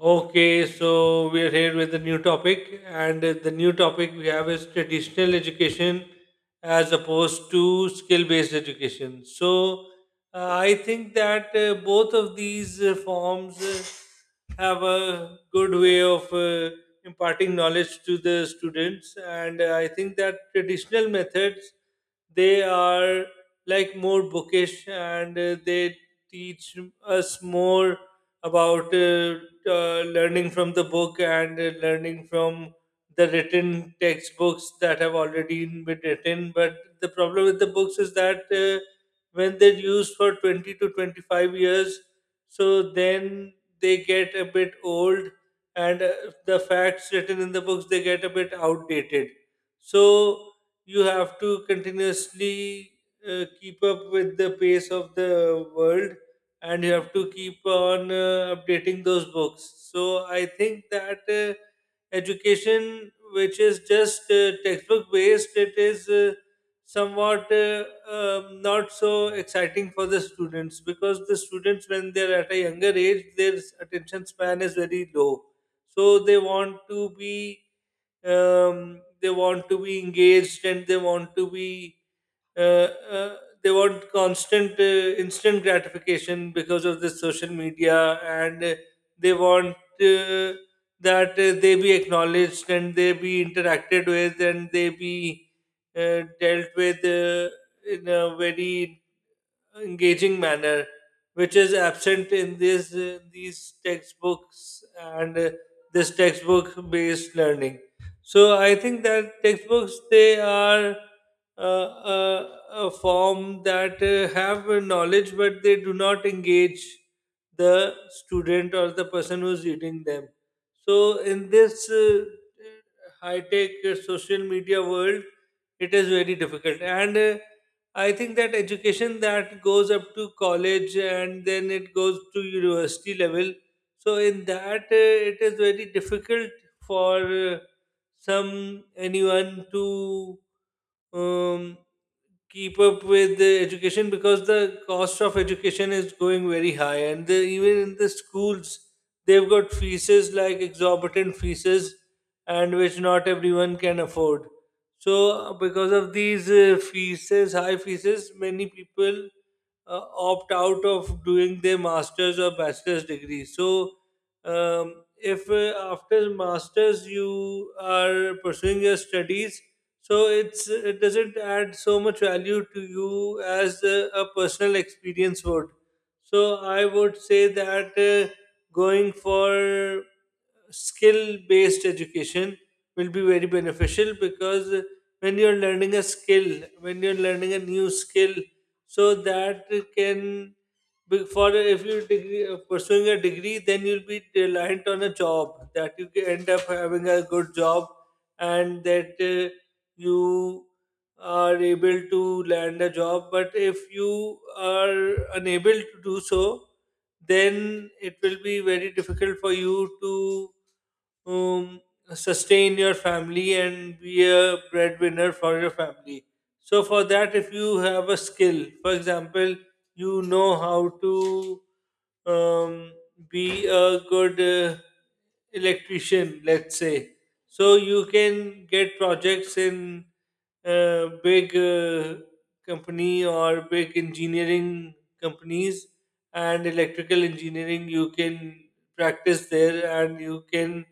Okay, so we are here with a new topic, and the new topic we have is traditional education as opposed to skill based education. So I think that both of these forms have a good way of imparting knowledge to the students, and I think that traditional methods they are like more bookish and they teach us more about learning from the book and learning from the written textbooks that have already been written. But the problem with the books is that when they're used for 20 to 25 years, so then they get a bit old and the facts written in the books they get a bit outdated. So you have to continuously keep up with the pace of the world and you have to keep on updating those books. So I think that education, which is just textbook based, it is somewhat not so exciting for the students because the students, when they're at a younger age, their attention span is very low. So they want to be they want to be engaged and they want to be uh, uh, they want constant instant gratification because of the social media and they want that they be acknowledged and they be interacted with and they be dealt with in a very engaging manner, which is absent in this these textbooks and this textbook based learning. So I think that textbooks they are uh, uh, a form that have a knowledge, but they do not engage the student or the person who's reading them. So in this high tech social media world, it is very difficult and I think that education that goes up to college and then it goes to university level. So in that, it is very difficult for some anyone to um, keep up with the education because the cost of education is going very high and the, even in the schools they've got fees like exorbitant fees and which not everyone can afford, so because of these fees high fees many people opt out of doing their masters or bachelor's degree. So if after masters you are pursuing your studies, so it doesn't add so much value to you as a personal experience would. So I would say that going for skill based education will be very beneficial because when you're learning a skill, when you're learning a new skill, so that can For if you degree, pursuing a degree, then you'll be reliant on a job that you end up having a good job and that you are able to land a job. But if you are unable to do so, then it will be very difficult for you to um, sustain your family and be a breadwinner for your family. So, for that, if you have a skill, for example, you know how to um, be a good electrician, let's say. So you can get projects in big company or big engineering companies and electrical engineering. You can practice there, and you can,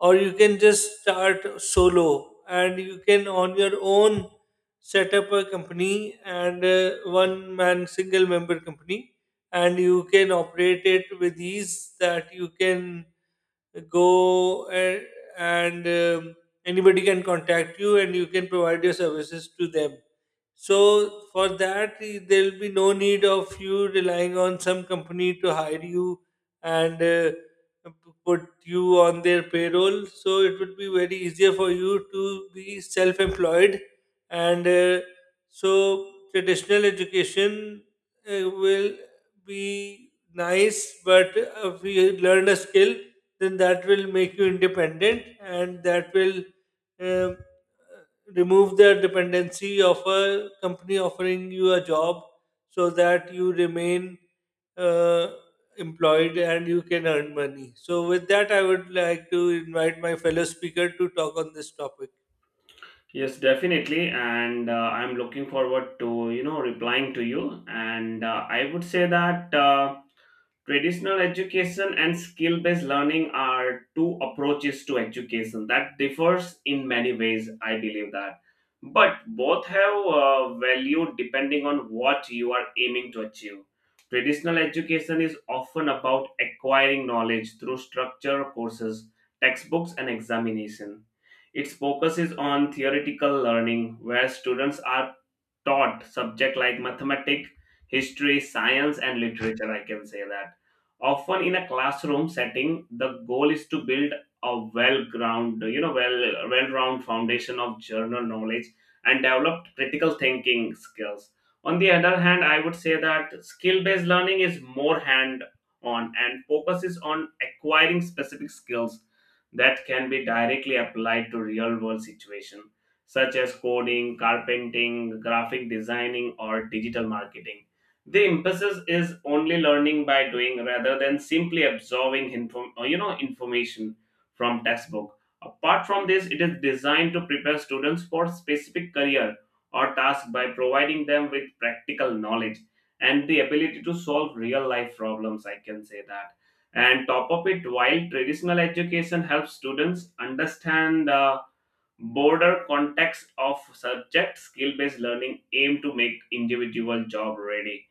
or you can just start solo, and you can on your own set up a company, and one man single member company, and you can operate it with ease, that you can go and anybody can contact you and you can provide your services to them. So for that, eh, there'll be no need of you relying on some company to hire you and p- put you on their payroll. So it would be very easier for you to be self-employed, and so traditional education will be nice. But if you learn a skill, then that will make you independent, and that will. um, remove their dependency of a company offering you a job so that you remain uh, employed and you can earn money. So, with that, I would like to invite my fellow speaker to talk on this topic. Yes, definitely. And I'm looking forward to, you know, replying to you. And I would say that traditional education and skill-based learning are two approaches to education that differs in many ways, I believe that. But both have value depending on what you are aiming to achieve. Traditional education is often about acquiring knowledge through structure, courses, textbooks, and examination. Its focus is on theoretical learning, where students are taught subjects like mathematics, history, science, and literature. I can say that. Often in a classroom setting, the goal is to build a well-ground, you know, well, well-round foundation of general knowledge and develop critical thinking skills. On the other hand, I would say that skill-based learning is more hand-on and focuses on acquiring specific skills that can be directly applied to real world situations such as coding, carpenting, graphic designing, or digital marketing. The emphasis is only learning by doing rather than simply absorbing information from textbook. Apart from this, it is designed to prepare students for specific career or task by providing them with practical knowledge and the ability to solve real life problems. I can say that, and top of it, while traditional education helps students understand the broader context of subject, skill-based learning aim to make individual job ready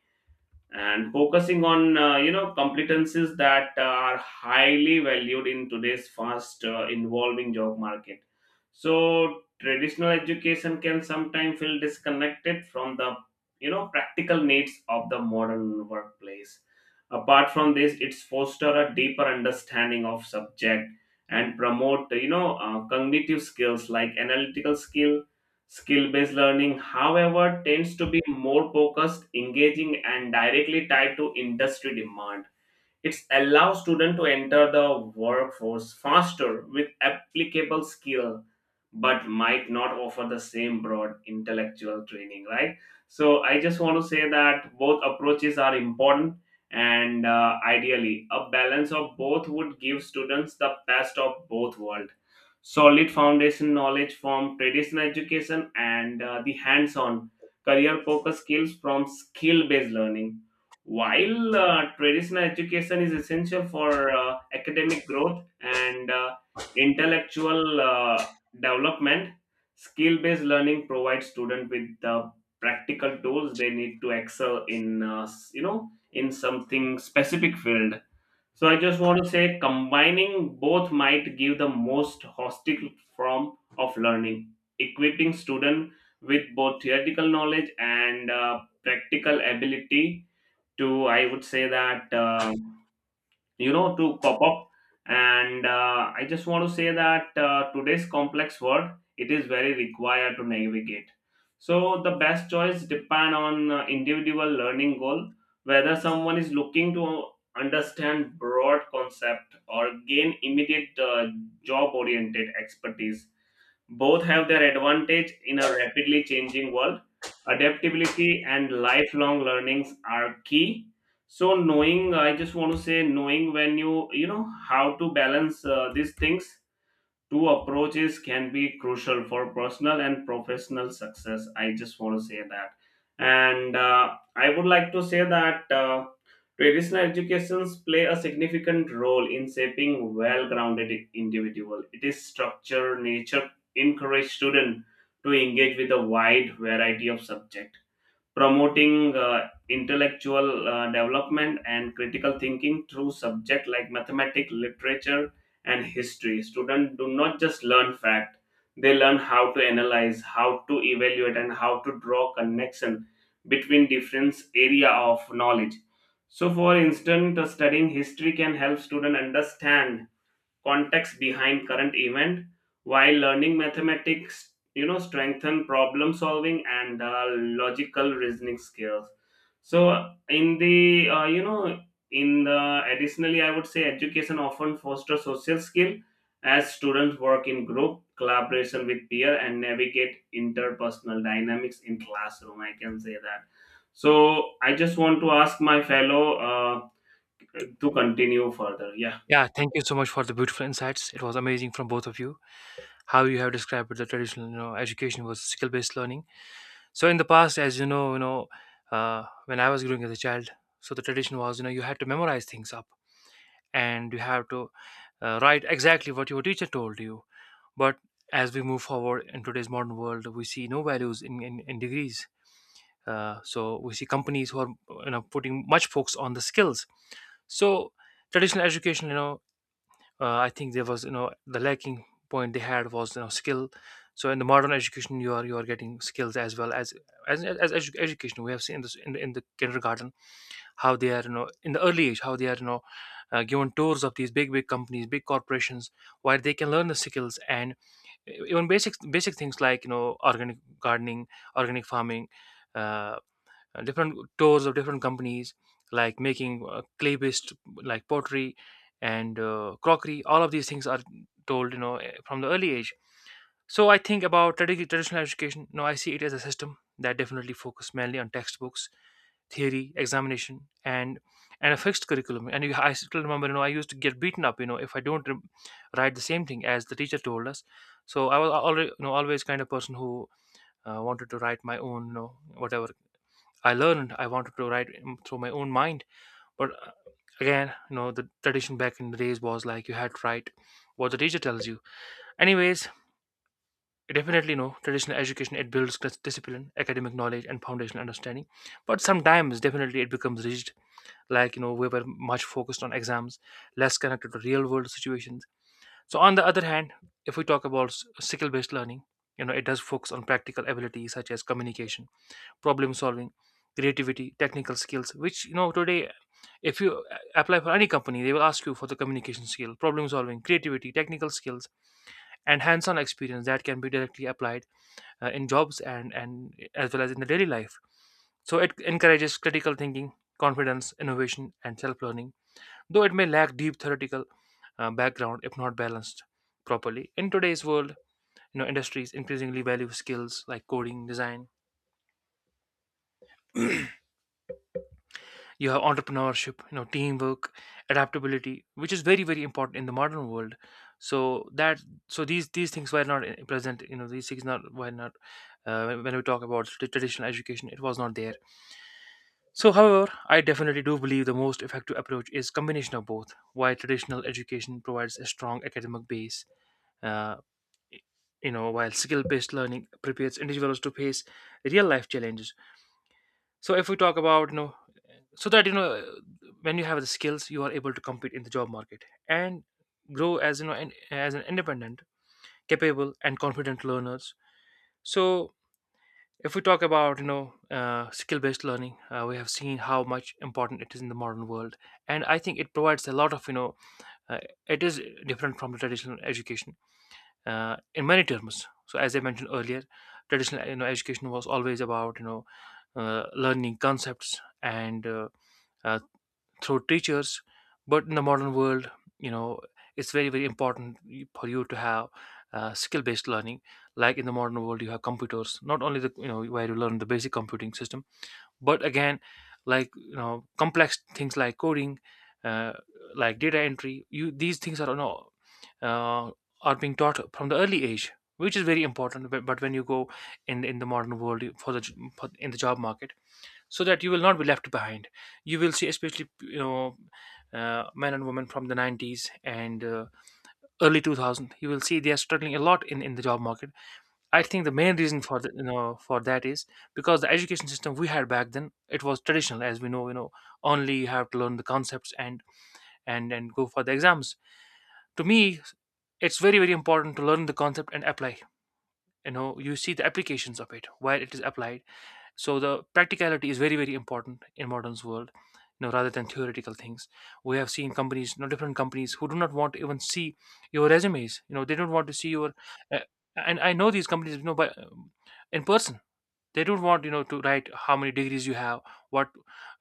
and focusing on competencies that are highly valued in today's fast evolving job market. So traditional education can sometimes feel disconnected from the, you know, practical needs of the modern workplace. Apart from this, it's foster a deeper understanding of subject and promote, you know, cognitive skills like analytical skill. Skill based learning, however, tends to be more focused, engaging, and directly tied to industry demand. It allows students to enter the workforce faster with applicable skill, but might not offer the same broad intellectual training, right? So I just want to say that both approaches are important, and ideally, a balance of both would give students the best of both worlds: solid foundation knowledge from traditional education and the hands-on career focused skills from skill-based learning. While traditional education is essential for academic growth and intellectual development, skill based learning provides students with the practical tools they need to excel in in something specific field. So I just want to say combining both might give the most holistic form of learning, equipping students with both theoretical knowledge and practical ability to, I would say that, you know, to cop up. And I just want to say that today's complex world, it is very required to navigate. So the best choice depend on individual learning goal, whether someone is looking to understand broad concept or gain immediate job oriented expertise. Both have their advantage in a rapidly changing world. Adaptability and lifelong learnings are key. So knowing, I just want to say, knowing when you know how to balance these things, two approaches can be crucial for personal and professional success, I just want to say that. And I would like to say that traditional educations play a significant role in shaping well-grounded individual. It is structure nature, encourage students to engage with a wide variety of subjects, promoting intellectual development and critical thinking through subject like mathematics, literature, and history. Students do not just learn fact, they learn how to analyze, how to evaluate, and how to draw connection between different area of knowledge. So for instance, studying history can help student understand context behind current event, while learning mathematics, you know, strengthen problem solving and logical reasoning skills. So in the you know in the additionally, I would say education often fosters social skill as students work in group collaboration with peer and navigate interpersonal dynamics in classroom, I can say that. So I just want to ask my fellow uh, to continue further, yeah. Yeah, thank you so much for the beautiful insights. It was amazing from both of you how you have described the traditional, you know, education was skill-based learning. So in the past, as you know, when I was growing as a child, so the tradition was, you know, you had to memorize things up and you have to write exactly what your teacher told you. But as we move forward in today's modern world, we see no values in in degrees. So we see companies who are, you know, putting much focus on the skills. So traditional education, you know I think there was, you know, the lacking point they had was, you know, skill. So in the modern education, you are getting skills as well as as education. We have seen this in the kindergarten, how they are, you know, in the early age, how they are, you know, given tours of these big companies, big corporations where they can learn the skills and even basic things like, you know, organic gardening, organic farming. Uh, Different tours of different companies, like making clay based like pottery and crockery. All of these things are told, you know, from the early age. So I think about traditional education, no, I see it as a system that definitely focused mainly on textbooks, theory, examination, and a fixed curriculum. And you, I still remember, you know, I used to get beaten up, you know, if I don't rem write the same thing as the teacher told us. So I was already, you know, always kind of person who wanted to write my own, you know, whatever I learned, I wanted to through my own mind. But again, you know, the tradition back in the days was like you had to write what the teacher tells you. Anyways, definitely, no, traditional education, it builds discipline, academic knowledge, and foundational understanding. But sometimes, definitely, it becomes rigid. Like, you know, we were much focused on exams, less connected to real world situations. So on the other hand, if we talk about skill based learning, you know, it does focus on practical abilities such as communication, problem solving, creativity, technical skills, which, you know, today, if you apply for any company, they will ask you for the communication skill, problem solving, creativity, technical skills, and hands-on experience that can be directly applied in jobs and as well as in the daily life. So it encourages critical thinking, confidence, innovation, and self-learning. Though it may lack deep theoretical background if not balanced properly. In today's world, you know, industries increasingly value skills like coding, design. You have entrepreneurship, you know, teamwork, adaptability, which is very important in the modern world. So that, so these things were not I- present, you know, these things not were not when we talk about the traditional education, it was not there. So however, I definitely do believe the most effective approach is combination of both. While traditional education provides a strong academic base, uh, you know, while skill based learning prepares individuals to face real life challenges. So if we talk about, you know, so that, you know, when you have the skills, you are able to compete in the job market and grow as, you know, as an independent, capable and confident learners. So if we talk about, you know, skill based learning, we have seen how much important it is in the modern world. And I think it provides a lot of, you know, uh, it is different from the traditional education in many terms. So as I mentioned earlier, traditional, you know, education was always about, you know, learning concepts and uh, through teachers. But in the modern world, you know, it's very important, for you to have skill based learning. Like in the modern world, you have computers, not only the, you know, where you learn the basic computing system, but again, like, you know, complex things like coding, uh, like data entry, you, these things are, you know, uh, are being taught from the early age, which is very important. But, when you go in the modern world, for the in the job market, so that you will not be left behind. You will see, especially, you know, men and women from the 90s and early 2000. You will see they are struggling a lot in the job market. I think the main reason for the, you know, for that is because the education system we had back then, it was traditional, as we know. You know, only you have to learn the concepts and and go for the exams. To me, it's very important to learn the concept and apply. You know, you see the applications of it, where it is applied. So the practicality is very important in modern's world, you know, rather than theoretical things. We have seen companies, you know, different companies who do not want to even see your resumes. You know, they don't want to see your uh, and I know these companies, you know, by in person, they don't want, you know, to write how many degrees you have, what,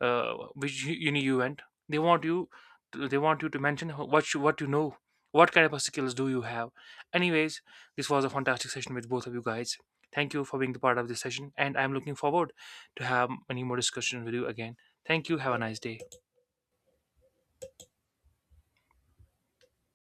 uh, which uni you went. They want you they want you to mention, what you, what you know, what kind of a skills do you have. Anyways, this was a fantastic session with both of you guys. Thank you for being the part of this session, and I'm looking forward to have many more discussions with you again. Thank you. Have a nice day.